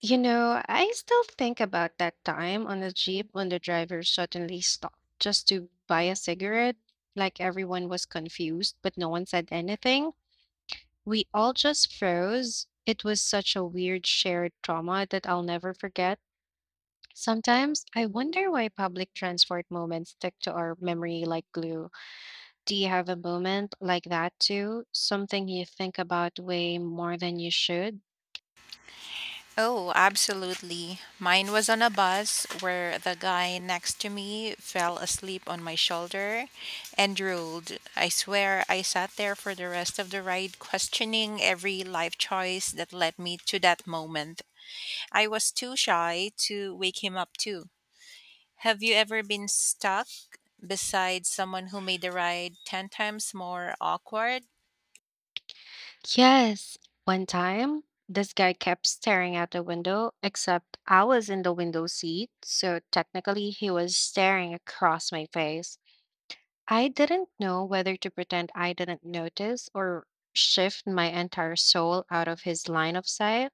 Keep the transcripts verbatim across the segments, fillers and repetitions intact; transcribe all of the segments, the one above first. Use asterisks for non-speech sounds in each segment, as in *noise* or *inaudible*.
You know, I still think about that time on the Jeep when the driver suddenly stopped just to buy a cigarette. Like everyone was confused, but no one said anything. We all just froze. It was such a weird shared trauma that I'll never forget. Sometimes I wonder why public transport moments stick to our memory like glue. Do you have a moment like that too? Something you think about way more than you should? Oh, absolutely. Mine was on a bus where the guy next to me fell asleep on my shoulder and drooled. I swear I sat there for the rest of the ride questioning every life choice that led me to that moment. I was too shy to wake him up, too. Have you ever been stuck beside someone who made the ride ten times more awkward? Yes, one time this guy kept staring out the window, except I was in the window seat, so technically he was staring across my face. I didn't know whether to pretend I didn't notice or shift my entire soul out of his line of sight.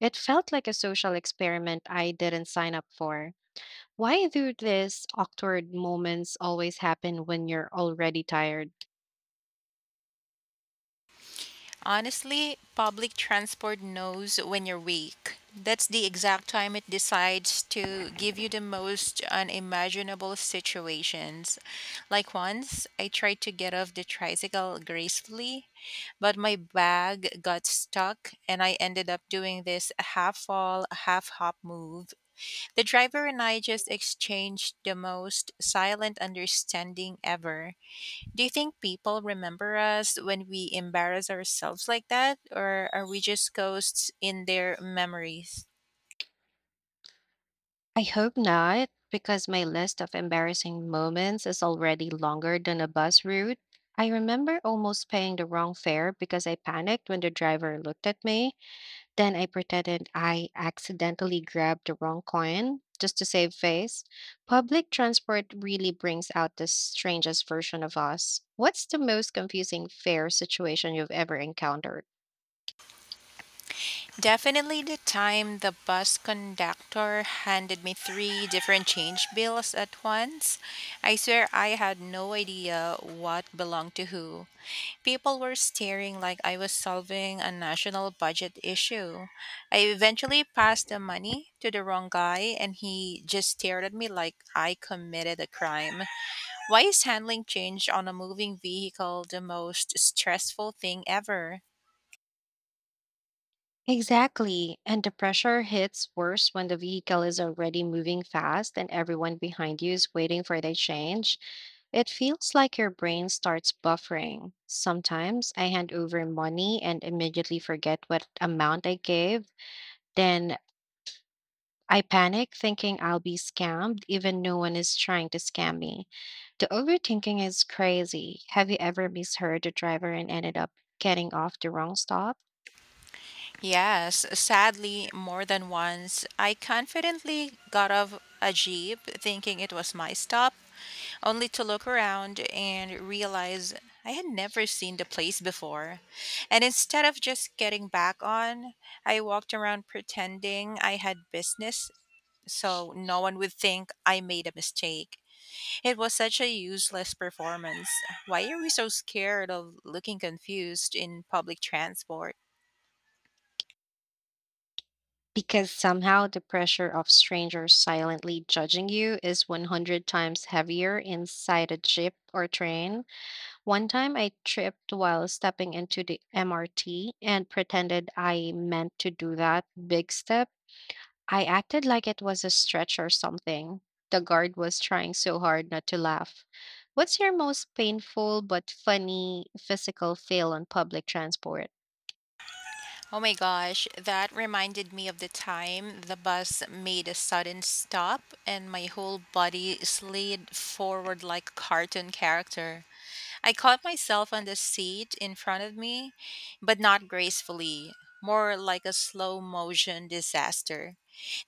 It felt like a social experiment I didn't sign up for. Why do these awkward moments always happen when you're already tired? Honestly, public transport knows when you're weak. That's the exact time it decides to give you the most unimaginable situations. Like once, I tried to get off the tricycle gracefully, but my bag got stuck and I ended up doing this half fall, half hop move. The driver and I just exchanged the most silent understanding ever. Do you think people remember us when we embarrass ourselves like that, or are we just ghosts in their memories? I hope not, because my list of embarrassing moments is already longer than a bus route. I remember almost paying the wrong fare because I panicked when the driver looked at me. Then I pretended I accidentally grabbed the wrong coin just to save face. Public transport really brings out the strangest version of us. What's the most confusing fare situation you've ever encountered? Definitely the time the bus conductor handed me three different change bills at once. I swear I had no idea what belonged to who. People were staring like I was solving a national budget issue. I eventually passed the money to the wrong guy, and he just stared at me like I committed a crime. Why is handling change on a moving vehicle the most stressful thing ever? Exactly. And the pressure hits worse when the vehicle is already moving fast and everyone behind you is waiting for the change. It feels like your brain starts buffering. Sometimes I hand over money and immediately forget what amount I gave. Then I panic thinking I'll be scammed, even no one is trying to scam me. The overthinking is crazy. Have you ever misheard the driver and ended up getting off the wrong stop? Yes, sadly, more than once, I confidently got off a Jeep thinking it was my stop, only to look around and realize I had never seen the place before. And instead of just getting back on, I walked around pretending I had business so no one would think I made a mistake. It was such a useless performance. Why are we so scared of looking confused in public transport? Because somehow the pressure of strangers silently judging you is one hundred times heavier inside a jeep or train. One time I tripped while stepping into the M R T and pretended I meant to do that big step. I acted like it was a stretch or something. The guard was trying so hard not to laugh. What's your most painful but funny physical fail on public transport? Oh my gosh, that reminded me of the time the bus made a sudden stop and my whole body slid forward like a cartoon character. I caught myself on the seat in front of me, but not gracefully, more like a slow motion disaster.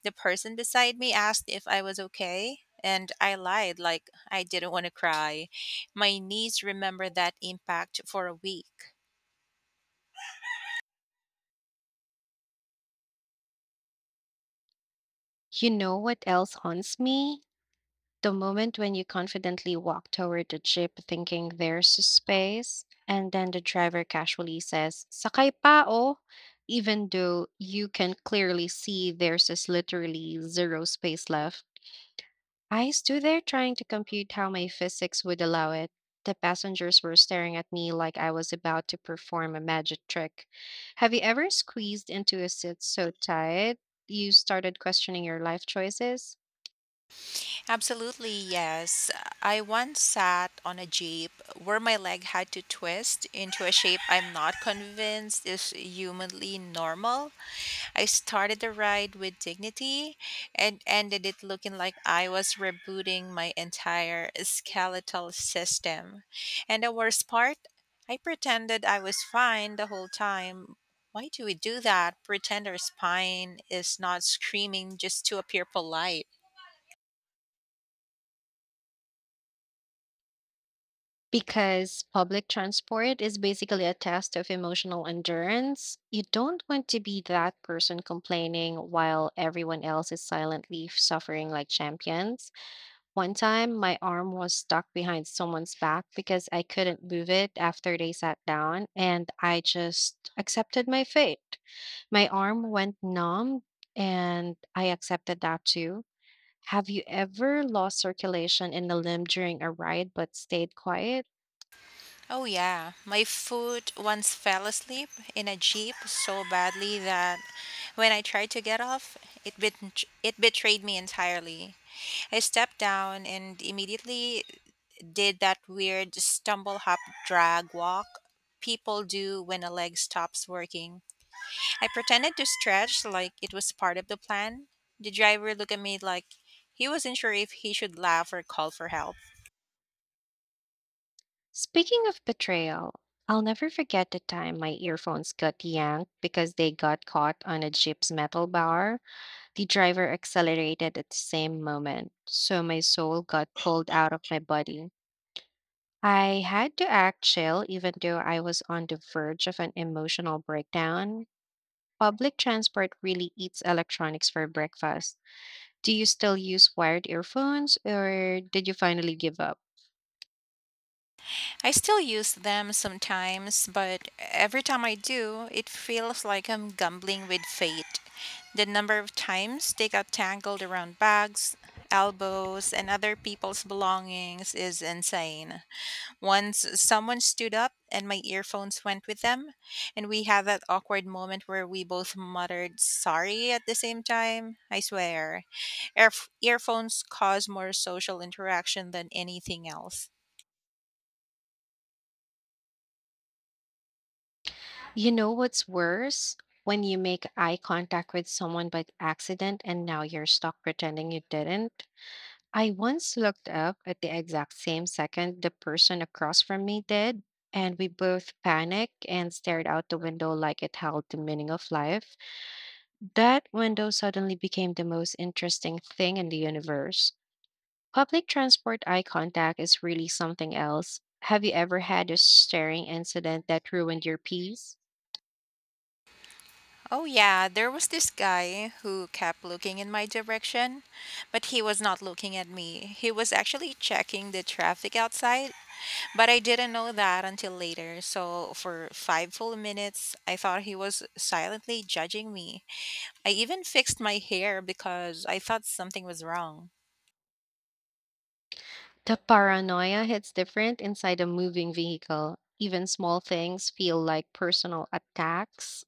The person beside me asked if I was okay, and I lied like I didn't want to cry. My knees remember that impact for a week. You know what else haunts me? The moment when you confidently walk toward the jeep thinking there's space, and then the driver casually says, "Sakay pa oh," even though you can clearly see there's is literally zero space left. I stood there trying to compute how my physics would allow it. The passengers were staring at me like I was about to perform a magic trick. Have you ever squeezed into a seat so tight you started questioning your life choices? Absolutely, yes. I once sat on a jeep where my leg had to twist into a shape I'm not convinced is humanly normal. I started the ride with dignity and ended it looking like I was rebooting my entire skeletal system. And the worst part, I pretended I was fine the whole time. Why do we do that? Pretend our spine is not screaming just to appear polite. Because public transport is basically a test of emotional endurance. You don't want to be that person complaining while everyone else is silently suffering like champions. One time, my arm was stuck behind someone's back because I couldn't move it after they sat down, and I just accepted my fate. My arm went numb, and I accepted that too. Have you ever lost circulation in the limb during a ride but stayed quiet? Oh, yeah. My foot once fell asleep in a jeep so badly that when I tried to get off, it, bet- it betrayed me entirely. I stepped down and immediately did that weird stumble hop drag walk people do when a leg stops working. I pretended to stretch like it was part of the plan. The driver looked at me like he wasn't sure if he should laugh or call for help. Speaking of betrayal, I'll never forget the time my earphones got yanked because they got caught on a jeep's metal bar. The driver accelerated at the same moment, so my soul got pulled out of my body. I had to act chill even though I was on the verge of an emotional breakdown. Public transport really eats electronics for breakfast. Do you still use wired earphones or did you finally give up? I still use them sometimes, but every time I do, it feels like I'm gambling with fate. The number of times they got tangled around bags, elbows, and other people's belongings is insane. Once someone stood up and my earphones went with them, and we had that awkward moment where we both muttered sorry at the same time. I swear, earf- earphones cause more social interaction than anything else. You know what's worse? When you make eye contact with someone by accident and now you're stuck pretending you didn't. I once looked up at the exact same second the person across from me did, and we both panicked and stared out the window like it held the meaning of life. That window suddenly became the most interesting thing in the universe. Public transport eye contact is really something else. Have you ever had a staring incident that ruined your peace? Oh, yeah, there was this guy who kept looking in my direction, but he was not looking at me. He was actually checking the traffic outside, but I didn't know that until later. So, for five full minutes, I thought he was silently judging me. I even fixed my hair because I thought something was wrong. The paranoia hits different inside a moving vehicle. Even small things feel like personal attacks.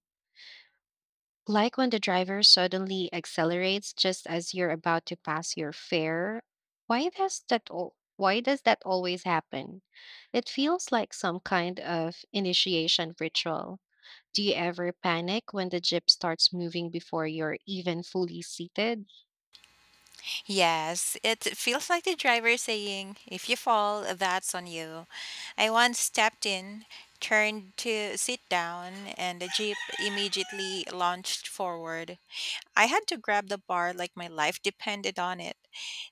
Like when the driver suddenly accelerates just as you're about to pass your fare. Why does that al- why does that always happen? It feels like some kind of initiation ritual. Do you ever panic when the jeep starts moving before you're even fully seated? Yes, it feels like the driver saying, if you fall, that's on you. I once stepped in, turned to sit down, and the jeep immediately launched forward. I had to grab the bar like my life depended on it.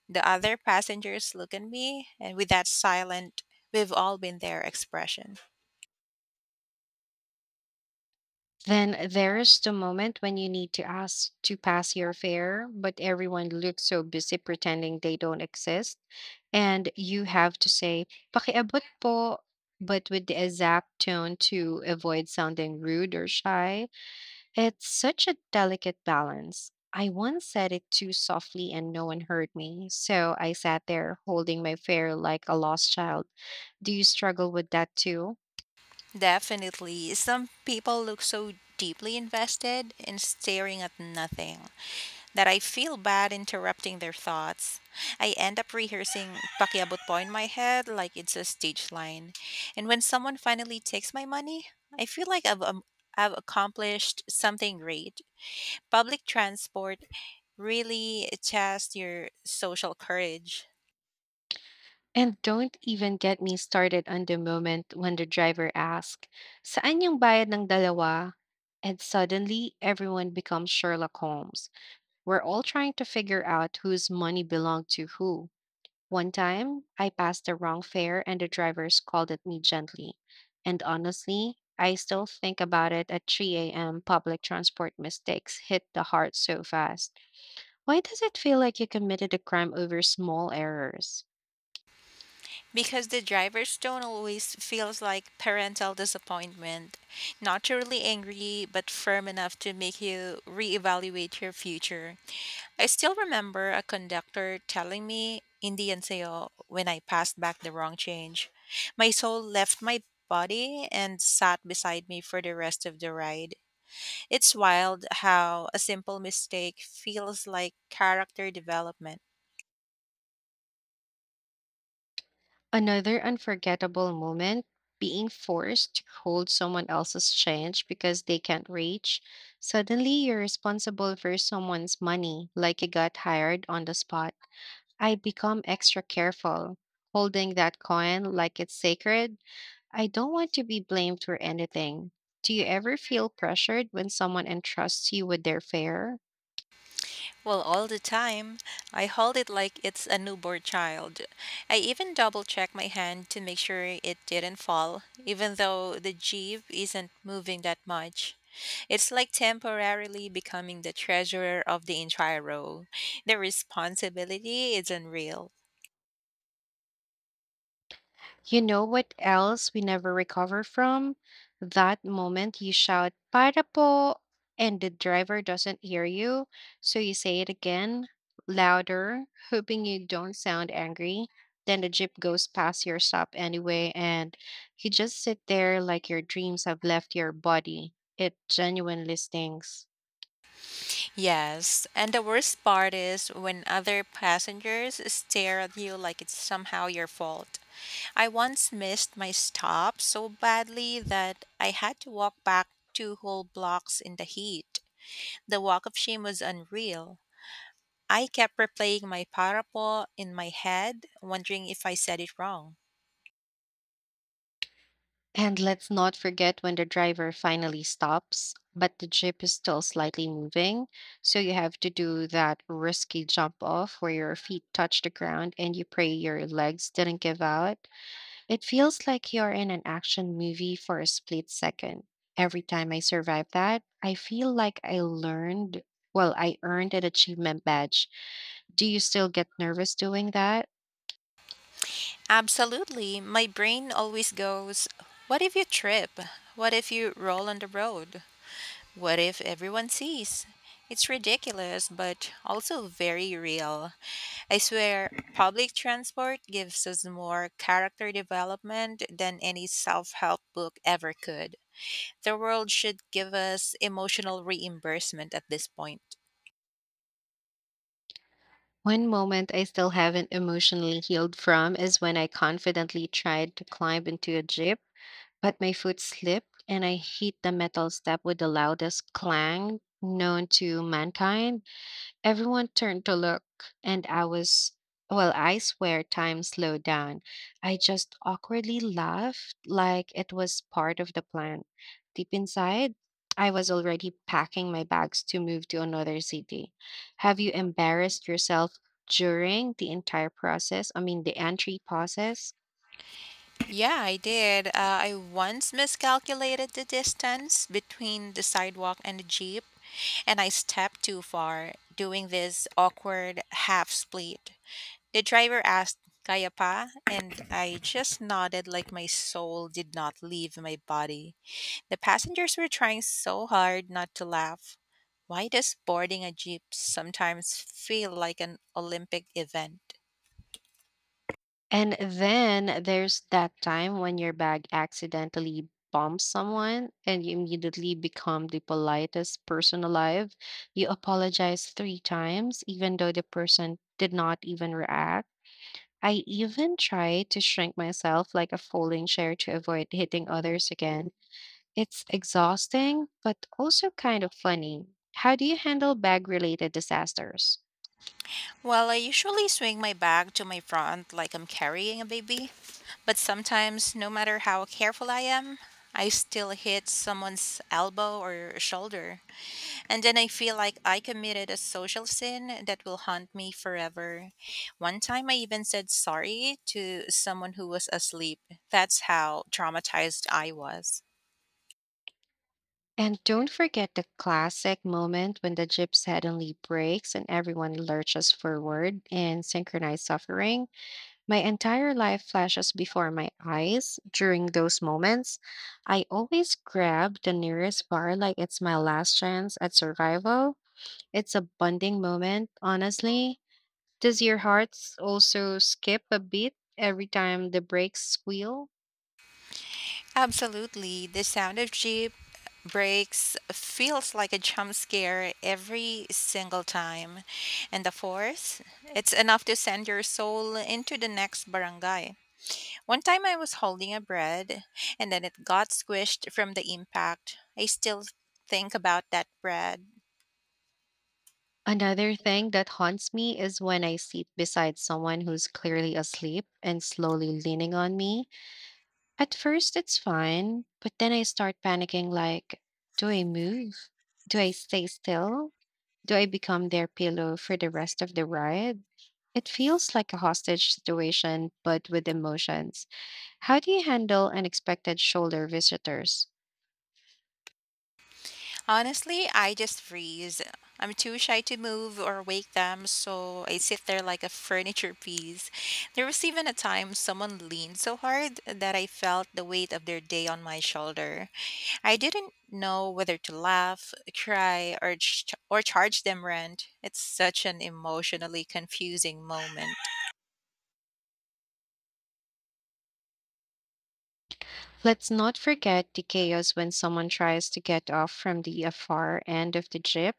The other passengers look at me, and with that silent, we've all been there expression. Then there's the moment when you need to ask to pass your fare, but everyone looks so busy pretending they don't exist. And you have to say, "pakiabot po," but with the exact tone to avoid sounding rude or shy. It's such a delicate balance. I once said it too softly and no one heard me. So I sat there holding my fare like a lost child. Do you struggle with that too? Definitely, some people look so deeply invested in staring at nothing, that I feel bad interrupting their thoughts. I end up rehearsing Pakiabot Po in my head like it's a stage line. And when someone finally takes my money, I feel like I've, um, I've accomplished something great. Public transport really tests your social courage And don't even get me started on the moment when the driver asks, "Saan yung bayad ng dalawa?" And suddenly, everyone becomes Sherlock Holmes. We're all trying to figure out whose money belonged to who. One time, I passed the wrong fare and the driver scolded me gently. And honestly, I still think about it at three a m. Public transport mistakes hit the heart so fast. Why does it feel like you committed a crime over small errors? because the driver's tone always feels like parental disappointment, not truly angry, but firm enough to make you reevaluate your future. I still remember a conductor telling me Indian sayo," when I passed back the wrong change. My soul left my body and sat beside me for the rest of the ride. It's wild how a simple mistake feels like character development. Another unforgettable moment being forced to hold someone else's change because they can't reach. Suddenly, you're responsible for someone's money, like you got hired on the spot. I become extra careful, holding that coin like it's sacred. I don't want to be blamed for anything. Do you ever feel pressured when someone entrusts you with their fare? Well, all the time. I hold it like it's a newborn child. I even double check my hand to make sure it didn't fall, even though the jeep isn't moving that much. It's like temporarily becoming the treasurer of the entire row. The responsibility is unreal. You know what else we never recover from? That moment you shout, "para po," and the driver doesn't hear you. So you say it again, louder, hoping you don't sound angry. Then the jeep goes past your stop anyway, and you just sit there like your dreams have left your body. It genuinely stings. Yes, and the worst part is when other passengers stare at you like it's somehow your fault. I once missed my stop so badly that I had to walk back two whole blocks in the heat. The walk of shame was unreal. I kept replaying my parapo in my head, wondering if I said it wrong. And let's not forget when the driver finally stops, but the jeep is still slightly moving. So you have to do that risky jump off where your feet touch the ground and you pray your legs didn't give out. It feels like you're in an action movie for a split second. Every time I survive that, I feel like I learned, well, I earned an achievement badge. Do you still get nervous doing that? Absolutely, my brain always goes, what if you trip? What if you roll on the road? What if everyone sees? It's ridiculous, but also very real. I swear, public transport gives us more character development than any self help book ever could. The world should give us emotional reimbursement at this point. One moment I still haven't emotionally healed from is when I confidently tried to climb into a jeep, but my foot slipped and I hit the metal step with the loudest clang known to mankind. Everyone turned to look, and I was, well, I swear time slowed down. I just awkwardly laughed like it was part of the plan. Deep inside, I was already packing my bags to move to another city. Have you embarrassed yourself during the entire process? I mean, the entry process? Yeah, I did. Uh, I once miscalculated the distance between the sidewalk and the jeep, and I stepped too far, doing this awkward half split. The driver asked, Kaya pa? And I just nodded like my soul did not leave my body. The passengers were trying so hard not to laugh. Why does boarding a jeep sometimes feel like an Olympic event? And then there's that time when your bag accidentally bumps someone and you immediately become the politest person alive. You apologize three times, even though the person did not even react. I even try to shrink myself like a folding chair to avoid hitting others again. It's exhausting, but also kind of funny. How do you handle bag related disasters? Well, I usually swing my bag to my front like I'm carrying a baby, but sometimes, no matter how careful I am, I still hit someone's elbow or shoulder. And then I feel like I committed a social sin that will haunt me forever. One time I even said sorry to someone who was asleep. That's how traumatized I was. And don't forget the classic moment when the jib suddenly breaks and everyone lurches forward in synchronized suffering. My entire life flashes before my eyes during those moments. I always grab the nearest bar like it's my last chance at survival. It's a bonding moment, honestly. Does your heart s- also skip a beat every time the brakes squeal? Absolutely. The sound of Jeep brakes feels like a jump scare every single time. And the force, it's enough to send your soul into the next barangay. One time I was holding a bread and then it got squished from the impact. I still think about that bread. Another thing that haunts me is when I sit beside someone who's clearly asleep and slowly leaning on me. At first, it's fine, but then I start panicking like, do I move? Do I stay still? Do I become their pillow for the rest of the ride? It feels like a hostage situation, but with emotions. How do you handle unexpected shoulder visitors? Honestly, I just freeze. I'm too shy to move or wake them, so I sit there like a furniture piece. There was even a time someone leaned so hard that I felt the weight of their day on my shoulder. I didn't know whether to laugh, cry, or, ch- or charge them rent. It's such an emotionally confusing moment. Let's not forget the chaos when someone tries to get off from the uh, far end of the jeep.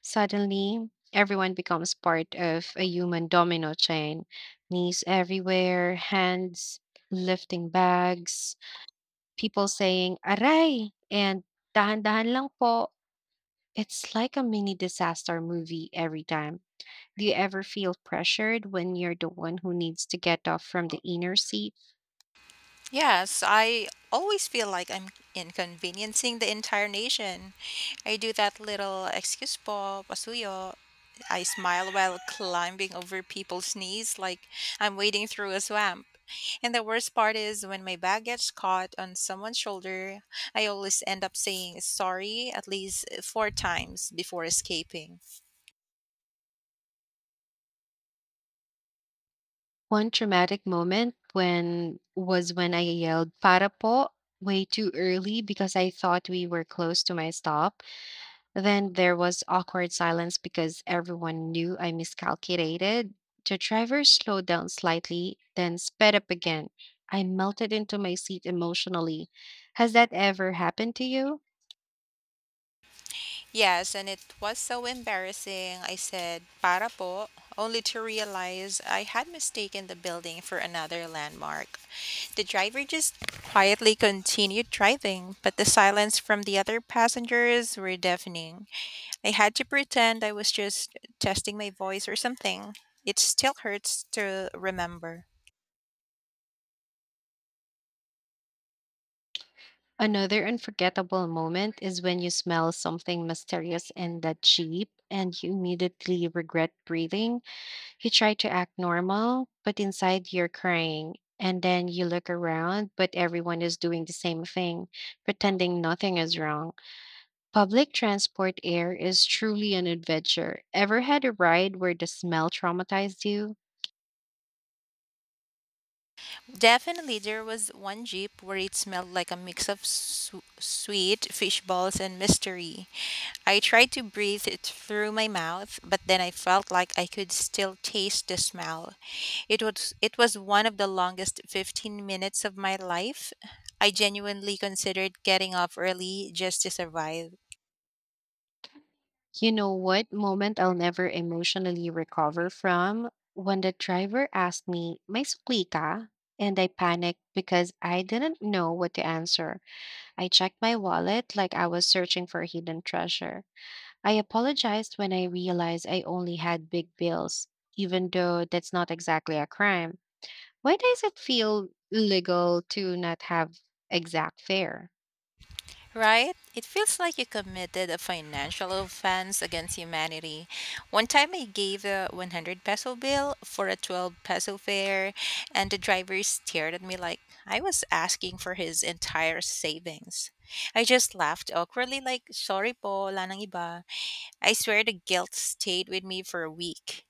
Suddenly, everyone becomes part of a human domino chain. Knees everywhere, hands lifting bags, people saying, "Aray!" And "dahan-dahan lang po." It's like a mini disaster movie every time. Do you ever feel pressured when you're the one who needs to get off from the inner seat? Yes, I always feel like I'm inconveniencing the entire nation. I do that little excuse po, pasuyo. I smile while climbing over people's knees like I'm wading through a swamp. And the worst part is when my bag gets caught on someone's shoulder, I always end up saying sorry at least four times before escaping. One traumatic moment when was when I yelled "Para po" way too early because I thought we were close to my stop. Then there was awkward silence because everyone knew I miscalculated. The driver slowed down slightly, then sped up again. I melted into my seat emotionally. Has that ever happened to you? Yes, and it was so embarrassing. I said, para po, only to realize I had mistaken the building for another landmark. The driver just quietly continued driving, but the silence from the other passengers were deafening. I had to pretend I was just testing my voice or something. It still hurts to remember. Another unforgettable moment is when you smell something mysterious in the Jeep and you immediately regret breathing. You try to act normal, but inside you're crying. And then you look around, but everyone is doing the same thing, pretending nothing is wrong. Public transport air is truly an adventure. Ever had a ride where the smell traumatized you? Definitely, there was one Jeep where it smelled like a mix of su- sweet fish balls and mystery. I tried to breathe it through my mouth, but then I felt like I could still taste the smell. It was it was one of the longest fifteen minutes of my life. I genuinely considered getting off early just to survive. You know what moment I'll never emotionally recover from? When the driver asked me, May sukli ka? And I panicked because I didn't know what to answer. I checked my wallet like I was searching for a hidden treasure. I apologized when I realized I only had big bills, even though that's not exactly a crime. Why does it feel illegal to not have exact fare? Right? It feels like you committed a financial offense against humanity. One time I gave a one hundred peso bill for a twelve peso fare, and the driver stared at me like I was asking for his entire savings. I just laughed awkwardly, like, sorry po, wala nang iba. I swear the guilt stayed with me for a week.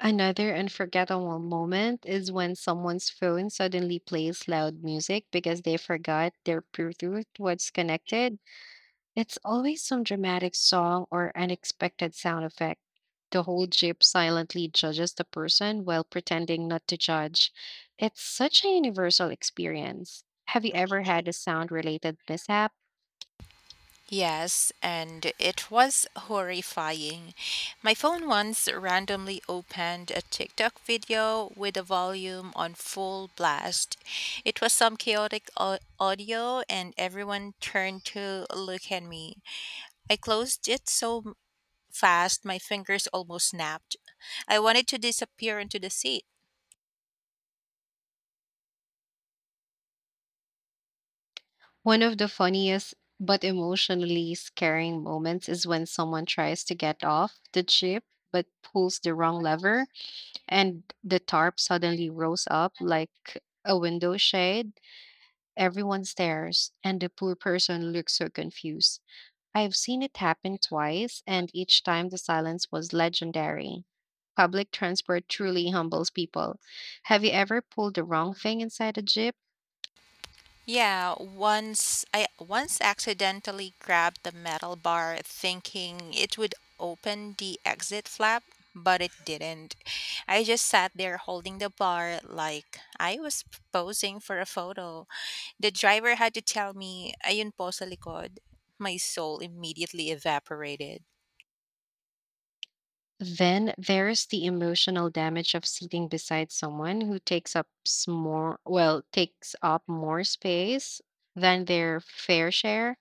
Another unforgettable moment is when someone's phone suddenly plays loud music because they forgot their Bluetooth was connected. It's always some dramatic song or unexpected sound effect. The whole group silently judges the person while pretending not to judge. It's such a universal experience. Have you ever had a sound related mishap? Yes, and it was horrifying. My phone once randomly opened a TikTok video with the volume on full blast. It was some chaotic au- audio, and everyone turned to look at me. I closed it so fast my fingers almost snapped. I wanted to disappear into the sea. One of the funniest but emotionally scaring moments is when someone tries to get off the jeep but pulls the wrong lever and the tarp suddenly rose up like a window shade. Everyone stares, and the poor person looks so confused. I've seen it happen twice, and each time the silence was legendary. Public transport truly humbles people. Have you ever pulled the wrong thing inside a jeep? Yeah, once I once accidentally grabbed the metal bar thinking it would open the exit flap, but it didn't. I just sat there holding the bar like I was posing for a photo. The driver had to tell me, ayun po sa likod. My soul immediately evaporated. Then there's the emotional damage of sitting beside someone who takes up s- more, well, takes up more space than their fair share.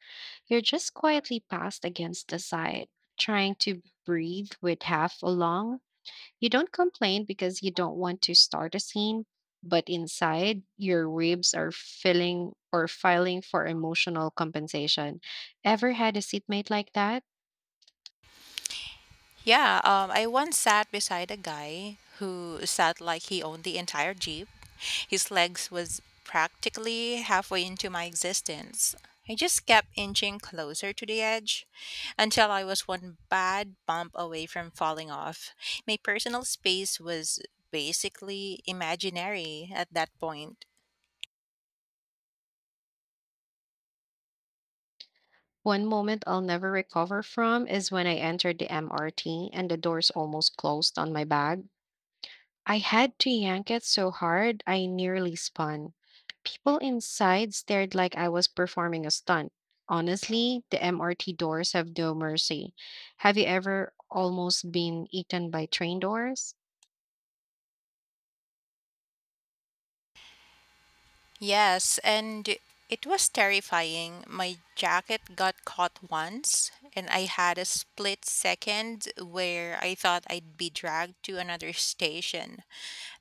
You're just quietly passed against the side, trying to breathe with half a lung. You don't complain because you don't want to start a scene, but inside, your ribs are filling or filing for emotional compensation. Ever had a seatmate like that? Yeah, um, I once sat beside a guy who sat like he owned the entire Jeep. His legs was practically halfway into my existence. I just kept inching closer to the edge until I was one bad bump away from falling off. My personal space was basically imaginary at that point. One moment I'll never recover from is when I entered the M R T and the doors almost closed on my bag. I had to yank it so hard I nearly spun. People inside stared like I was performing a stunt. Honestly, the M R T doors have no mercy. Have you ever almost been eaten by train doors? Yes, and it was terrifying. My jacket got caught once, and I had a split second where I thought I'd be dragged to another station.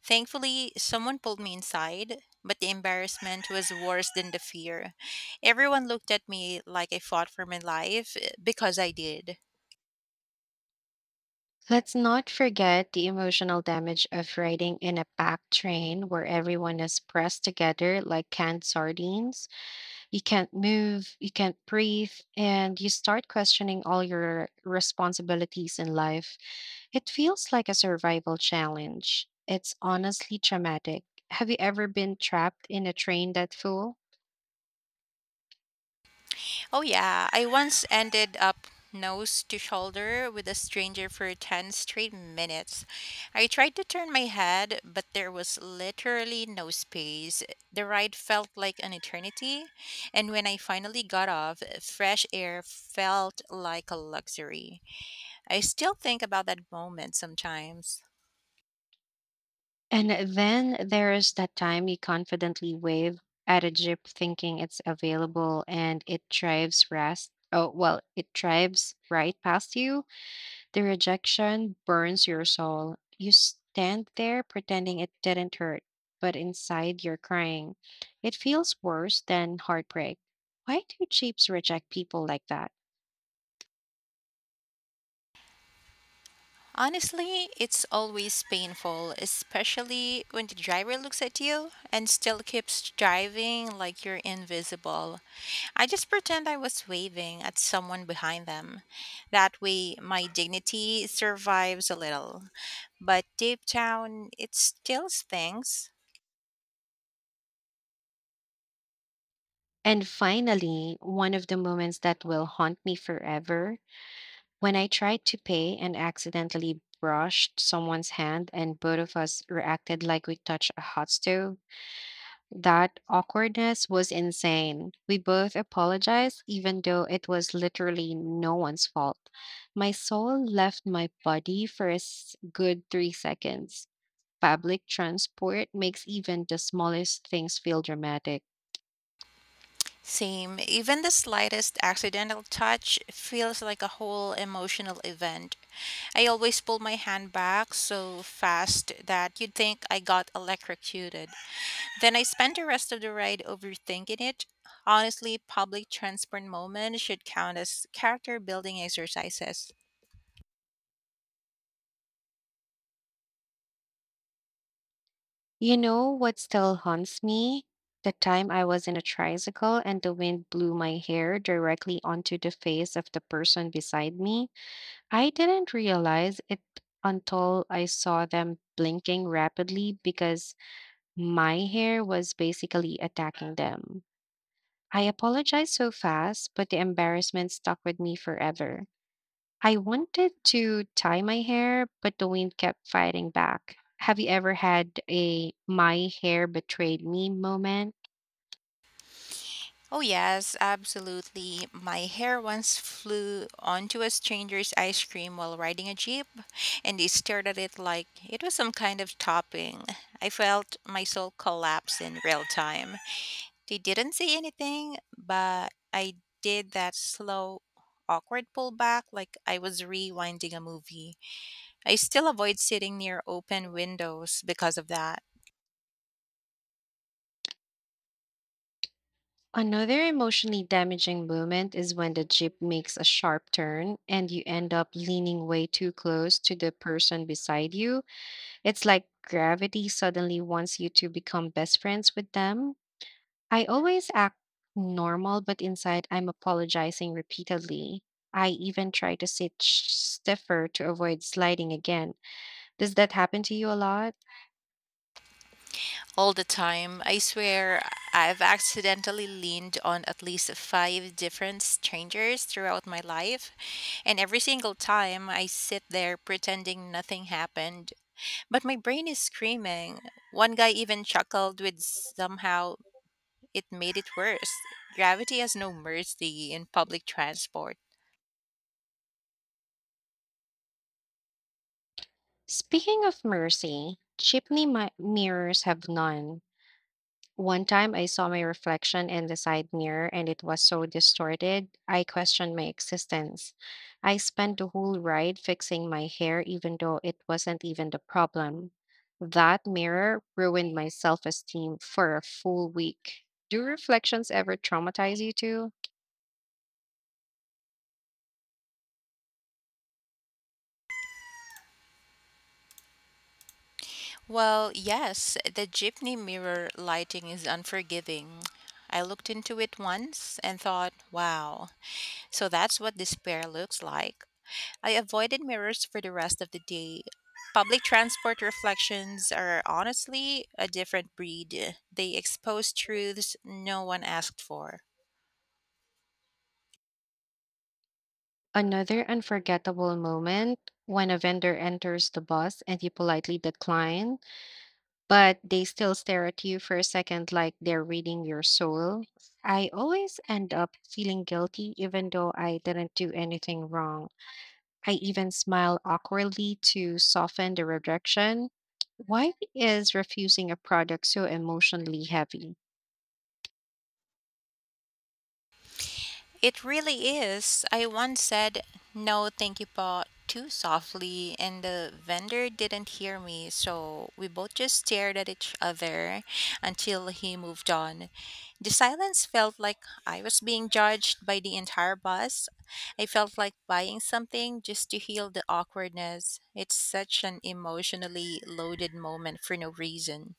Thankfully, someone pulled me inside, but the embarrassment was worse than the fear. Everyone looked at me like I fought for my life eh, because I did. Let's not forget the emotional damage of riding in a packed train where everyone is pressed together like canned sardines. You can't move, you can't breathe, and you start questioning all your responsibilities in life. It feels like a survival challenge. It's honestly traumatic. Have you ever been trapped in a train that full? Oh, yeah. I once ended up nose to shoulder with a stranger for ten straight minutes. I tried to turn my head, but there was literally no space. The ride felt like an eternity, and when I finally got off, fresh air felt like a luxury. I still think about that moment sometimes. And then there is that time you confidently wave at a jeep thinking it's available and it drives past. Oh, well, it drives right past you. The rejection burns your soul. You stand there pretending it didn't hurt, but inside you're crying. It feels worse than heartbreak. Why do jeeps reject people like that? Honestly, it's always painful, especially when the driver looks at you and still keeps driving like you're invisible. I just pretend I was waving at someone behind them. That way, my dignity survives a little. But deep down, it still stings. And finally, one of the moments that will haunt me forever when I tried to pay and accidentally brushed someone's hand, and both of us reacted like we touched a hot stove. That awkwardness was insane. We both apologized, even though it was literally no one's fault. My soul left my body for a s- good three seconds. Public transport makes even the smallest things feel dramatic. Same, even the slightest accidental touch feels like a whole emotional event. I always pull my hand back so fast that you'd think I got electrocuted. Then I spent the rest of the ride overthinking it. Honestly, public transport moments should count as character building exercises. You know what still haunts me? The time I was in a tricycle and the wind blew my hair directly onto the face of the person beside me. I didn't realize it until I saw them blinking rapidly because my hair was basically attacking them. I apologized so fast, but the embarrassment stuck with me forever. I wanted to tie my hair, but the wind kept fighting back. Have you ever had a my hair betrayed me moment? Oh, yes, absolutely. My hair once flew onto a stranger's ice cream while riding a jeep, and they stared at it like it was some kind of topping. I felt my soul collapse in real time. They didn't say anything, but I did that slow, awkward pullback like I was rewinding a movie. I still avoid sitting near open windows because of that. Another emotionally damaging moment is when the jeep makes a sharp turn and you end up leaning way too close to the person beside you. It's like gravity suddenly wants you to become best friends with them. I always act normal, but inside I'm apologizing repeatedly. I even try to sit sh- stiffer to avoid sliding again. Does that happen to you a lot? All the time, I swear I've accidentally leaned on at least five different strangers throughout my life, and every single time I sit there pretending nothing happened. But my brain is screaming. One guy even chuckled with somehow it made it worse. Gravity has no mercy in public transport. Speaking of mercy, chimney mi- mirrors have none. One time I saw my reflection in the side mirror and it was so distorted, I questioned my existence. I spent the whole ride fixing my hair, even though it wasn't even the problem. That mirror ruined my self esteem for a full week. Do reflections ever traumatize you too? Well, yes, the jeepney mirror lighting is unforgiving. I looked into it once and thought, wow, so that's what despair looks like. I avoided mirrors for the rest of the day. Public transport reflections are honestly a different breed. They expose truths no one asked for. Another unforgettable moment when a vendor enters the bus and you politely decline, but they still stare at you for a second like they're reading your soul. I always end up feeling guilty even though I didn't do anything wrong. I even smile awkwardly to soften the rejection. Why is refusing a product so emotionally heavy? It really is. I once said, no, thank you, Pa, too softly, and the vendor didn't hear me, so we both just stared at each other until he moved on. The silence felt like I was being judged by the entire bus. I felt like buying something just to heal the awkwardness. It's such an emotionally loaded moment for no reason.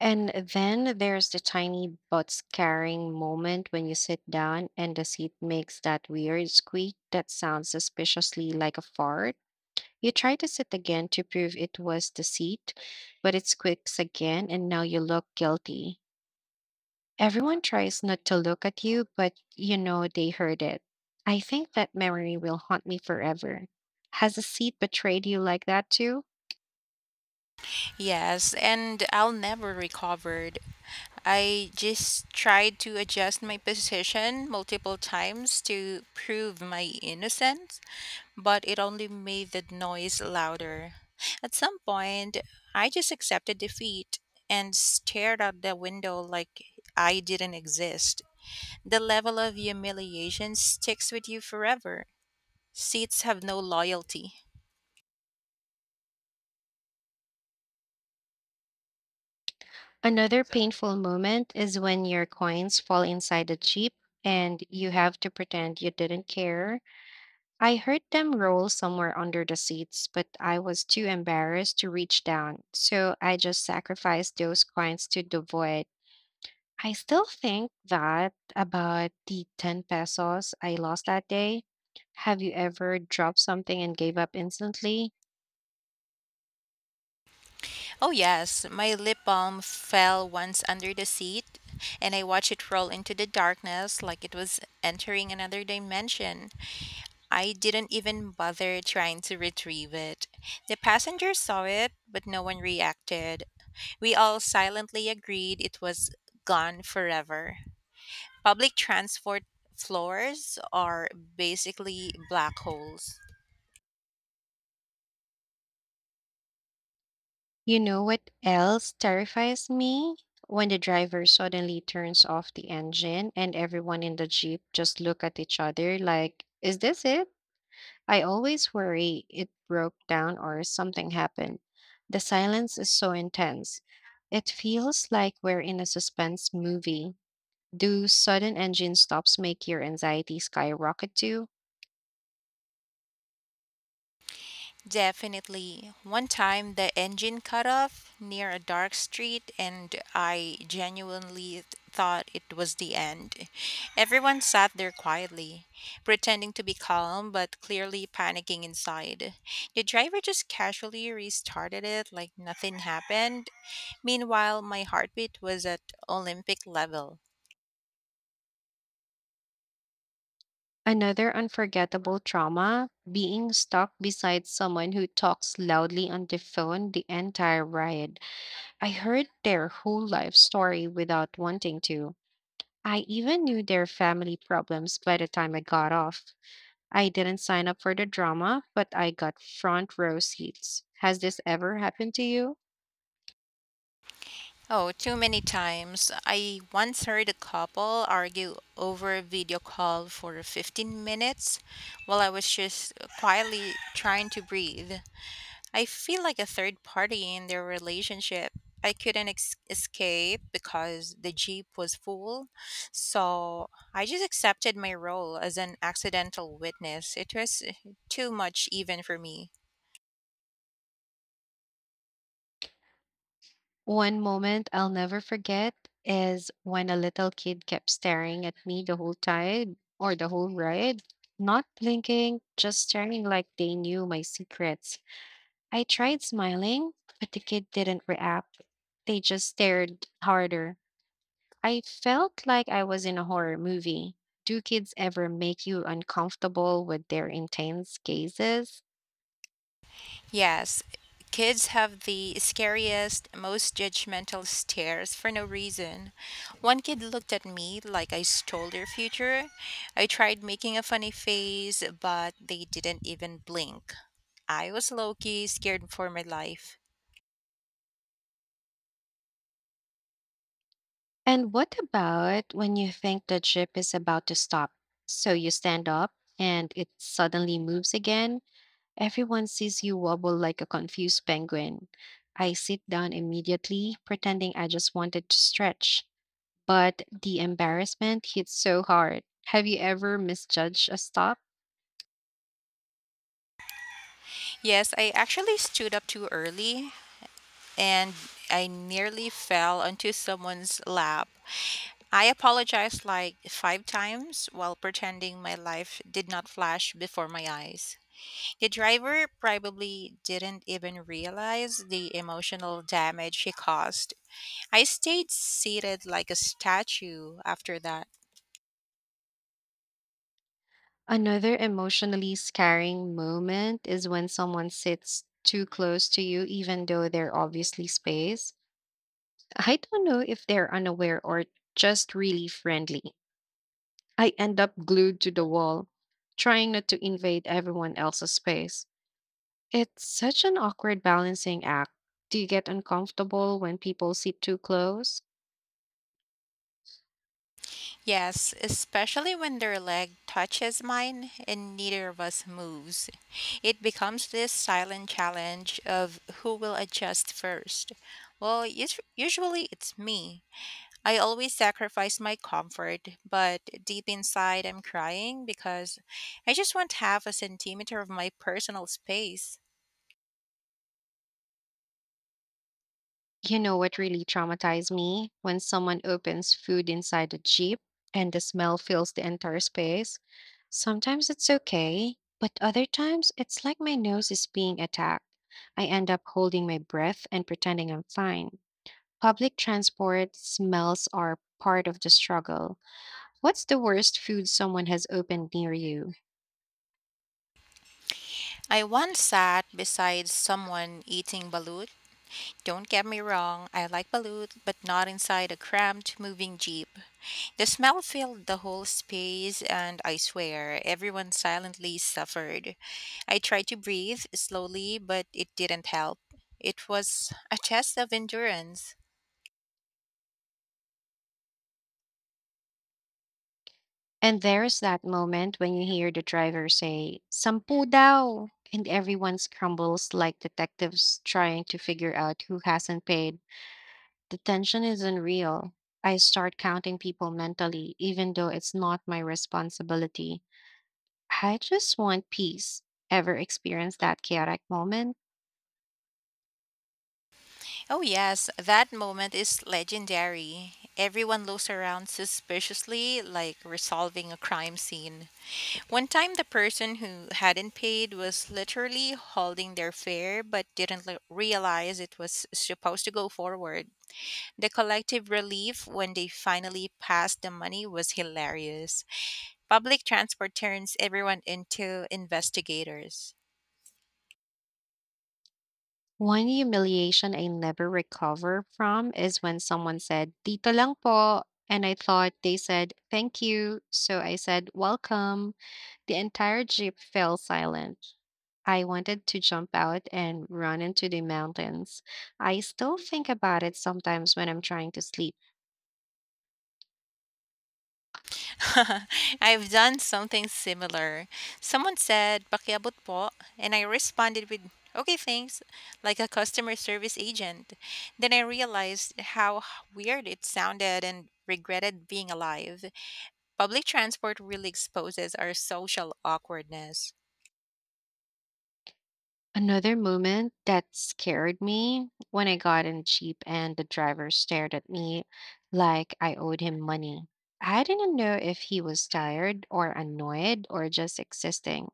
And then there's the tiny but scaring moment when you sit down and the seat makes that weird squeak that sounds suspiciously like a fart. You try to sit again to prove it was the seat, but it squeaks again and now you look guilty. Everyone tries not to look at you, but you know they heard it. I think that memory will haunt me forever. Has a seat betrayed you like that too? Yes, and I'll never recover. I just tried to adjust my position multiple times to prove my innocence, but it only made the noise louder. At some point, I just accepted defeat and stared out the window like I didn't exist. The level of humiliation sticks with you forever. Seats have no loyalty. Another painful moment is when your coins fall inside the jeep and you have to pretend you didn't care. I heard them roll somewhere under the seats, but I was too embarrassed to reach down, so I just sacrificed those coins to the void. I still think that about the ten pesos I lost that day. Have you ever dropped something and gave up instantly? Oh, yes, my lip balm fell once under the seat, and I watched it roll into the darkness like it was entering another dimension. I didn't even bother trying to retrieve it. The passengers saw it, but no one reacted. We all silently agreed it was gone forever. Public transport floors are basically black holes. You know what else terrifies me? When the driver suddenly turns off the engine and everyone in the Jeep just look at each other like, is this it? I always worry it broke down or something happened. The silence is so intense. It feels like we're in a suspense movie. Do sudden engine stops make your anxiety skyrocket too? Definitely. One time the engine cut off near a dark street, and I genuinely thought it was the end. Everyone sat there quietly, pretending to be calm but clearly panicking inside. The driver just casually restarted it like nothing happened. Meanwhile, my heartbeat was at Olympic level. Another unforgettable trauma being stuck beside someone who talks loudly on the phone the entire ride. I heard their whole life story without wanting to. I even knew their family problems by the time I got off. I didn't sign up for the drama, but I got front row seats. Has this ever happened to you? Oh, too many times. I once heard a couple argue over a video call for fifteen minutes while I was just quietly trying to breathe. I feel like a third party in their relationship. I couldn't ex- escape because the Jeep was full. So I just accepted my role as an accidental witness. It was uh, too much, even for me. One moment I'll never forget is when a little kid kept staring at me the whole time or the whole ride, not blinking, just staring like they knew my secrets. I tried smiling, but the kid didn't react. They just stared harder. I felt like I was in a horror movie. Do kids ever make you uncomfortable with their intense gazes? Yes, kids have the scariest, most judgmental stares for no reason. One kid looked at me like I stole their future. I tried making a funny face, but they didn't even blink. I was low key scared for my life. And what about when you think the ship is about to stop? So you stand up and it suddenly moves again. Everyone sees you wobble like a confused penguin. I sit down immediately, pretending I just wanted to stretch. But the embarrassment hits so hard. Have you ever misjudged a stop? Yes, I actually stood up too early and I nearly fell onto someone's lap. I apologized like five times while pretending my life did not flash before my eyes. The driver probably didn't even realize the emotional damage he caused. I stayed seated like a statue after that. Another emotionally scarring moment is when someone sits too close to you, even though they're obviously spaced. I don't know if they're unaware or just really friendly. I end up glued to the wall, trying not to invade everyone else's space. It's such an awkward balancing act. Do you get uncomfortable when people sit too close? Yes, especially when their leg touches mine and neither of us moves. It becomes this silent challenge of who will adjust first. Well, us- usually it's me. I always sacrifice my comfort, but deep inside I'm crying because I just want half a centimeter of my personal space. You know what really traumatized me? When someone opens food inside a Jeep and the smell fills the entire space. Sometimes it's okay, but other times it's like my nose is being attacked. I end up holding my breath and pretending I'm fine. Public transport smells are part of the struggle. What's the worst food someone has opened near you? I once sat beside someone eating balut. Don't get me wrong, I like balut, but not inside a cramped, moving jeep. The smell filled the whole space, and I swear everyone silently suffered. I tried to breathe slowly, but it didn't help. It was a test of endurance. And there's that moment when you hear the driver say, Sampu daw! And everyone scrambles like detectives trying to figure out who hasn't paid. The tension is unreal. I start counting people mentally, even though it's not my responsibility. I just want peace. Ever experience that chaotic moment? Oh, yes, that moment is legendary. Everyone looks around suspiciously, like resolving a crime scene. One time, the person who hadn't paid was literally holding their fare but didn't l- realize it was supposed to go forward. The collective relief when they finally passed the money was hilarious. Public transport turns everyone into investigators. One humiliation I never recover from is when someone said, Dito lang po. And I thought they said, thank you. So I said, welcome. The entire jeep fell silent. I wanted to jump out and run into the mountains. I still think about it sometimes when I'm trying to sleep. *laughs* I've done something similar. Someone said, Pakiabot po, and I responded with, okay, thanks, like a customer service agent. Then I realized how weird it sounded and regretted being alive. Public transport really exposes our social awkwardness. Another moment that scared me when I got in the Jeep and the driver stared at me like I owed him money. I didn't know if he was tired or annoyed or just existing.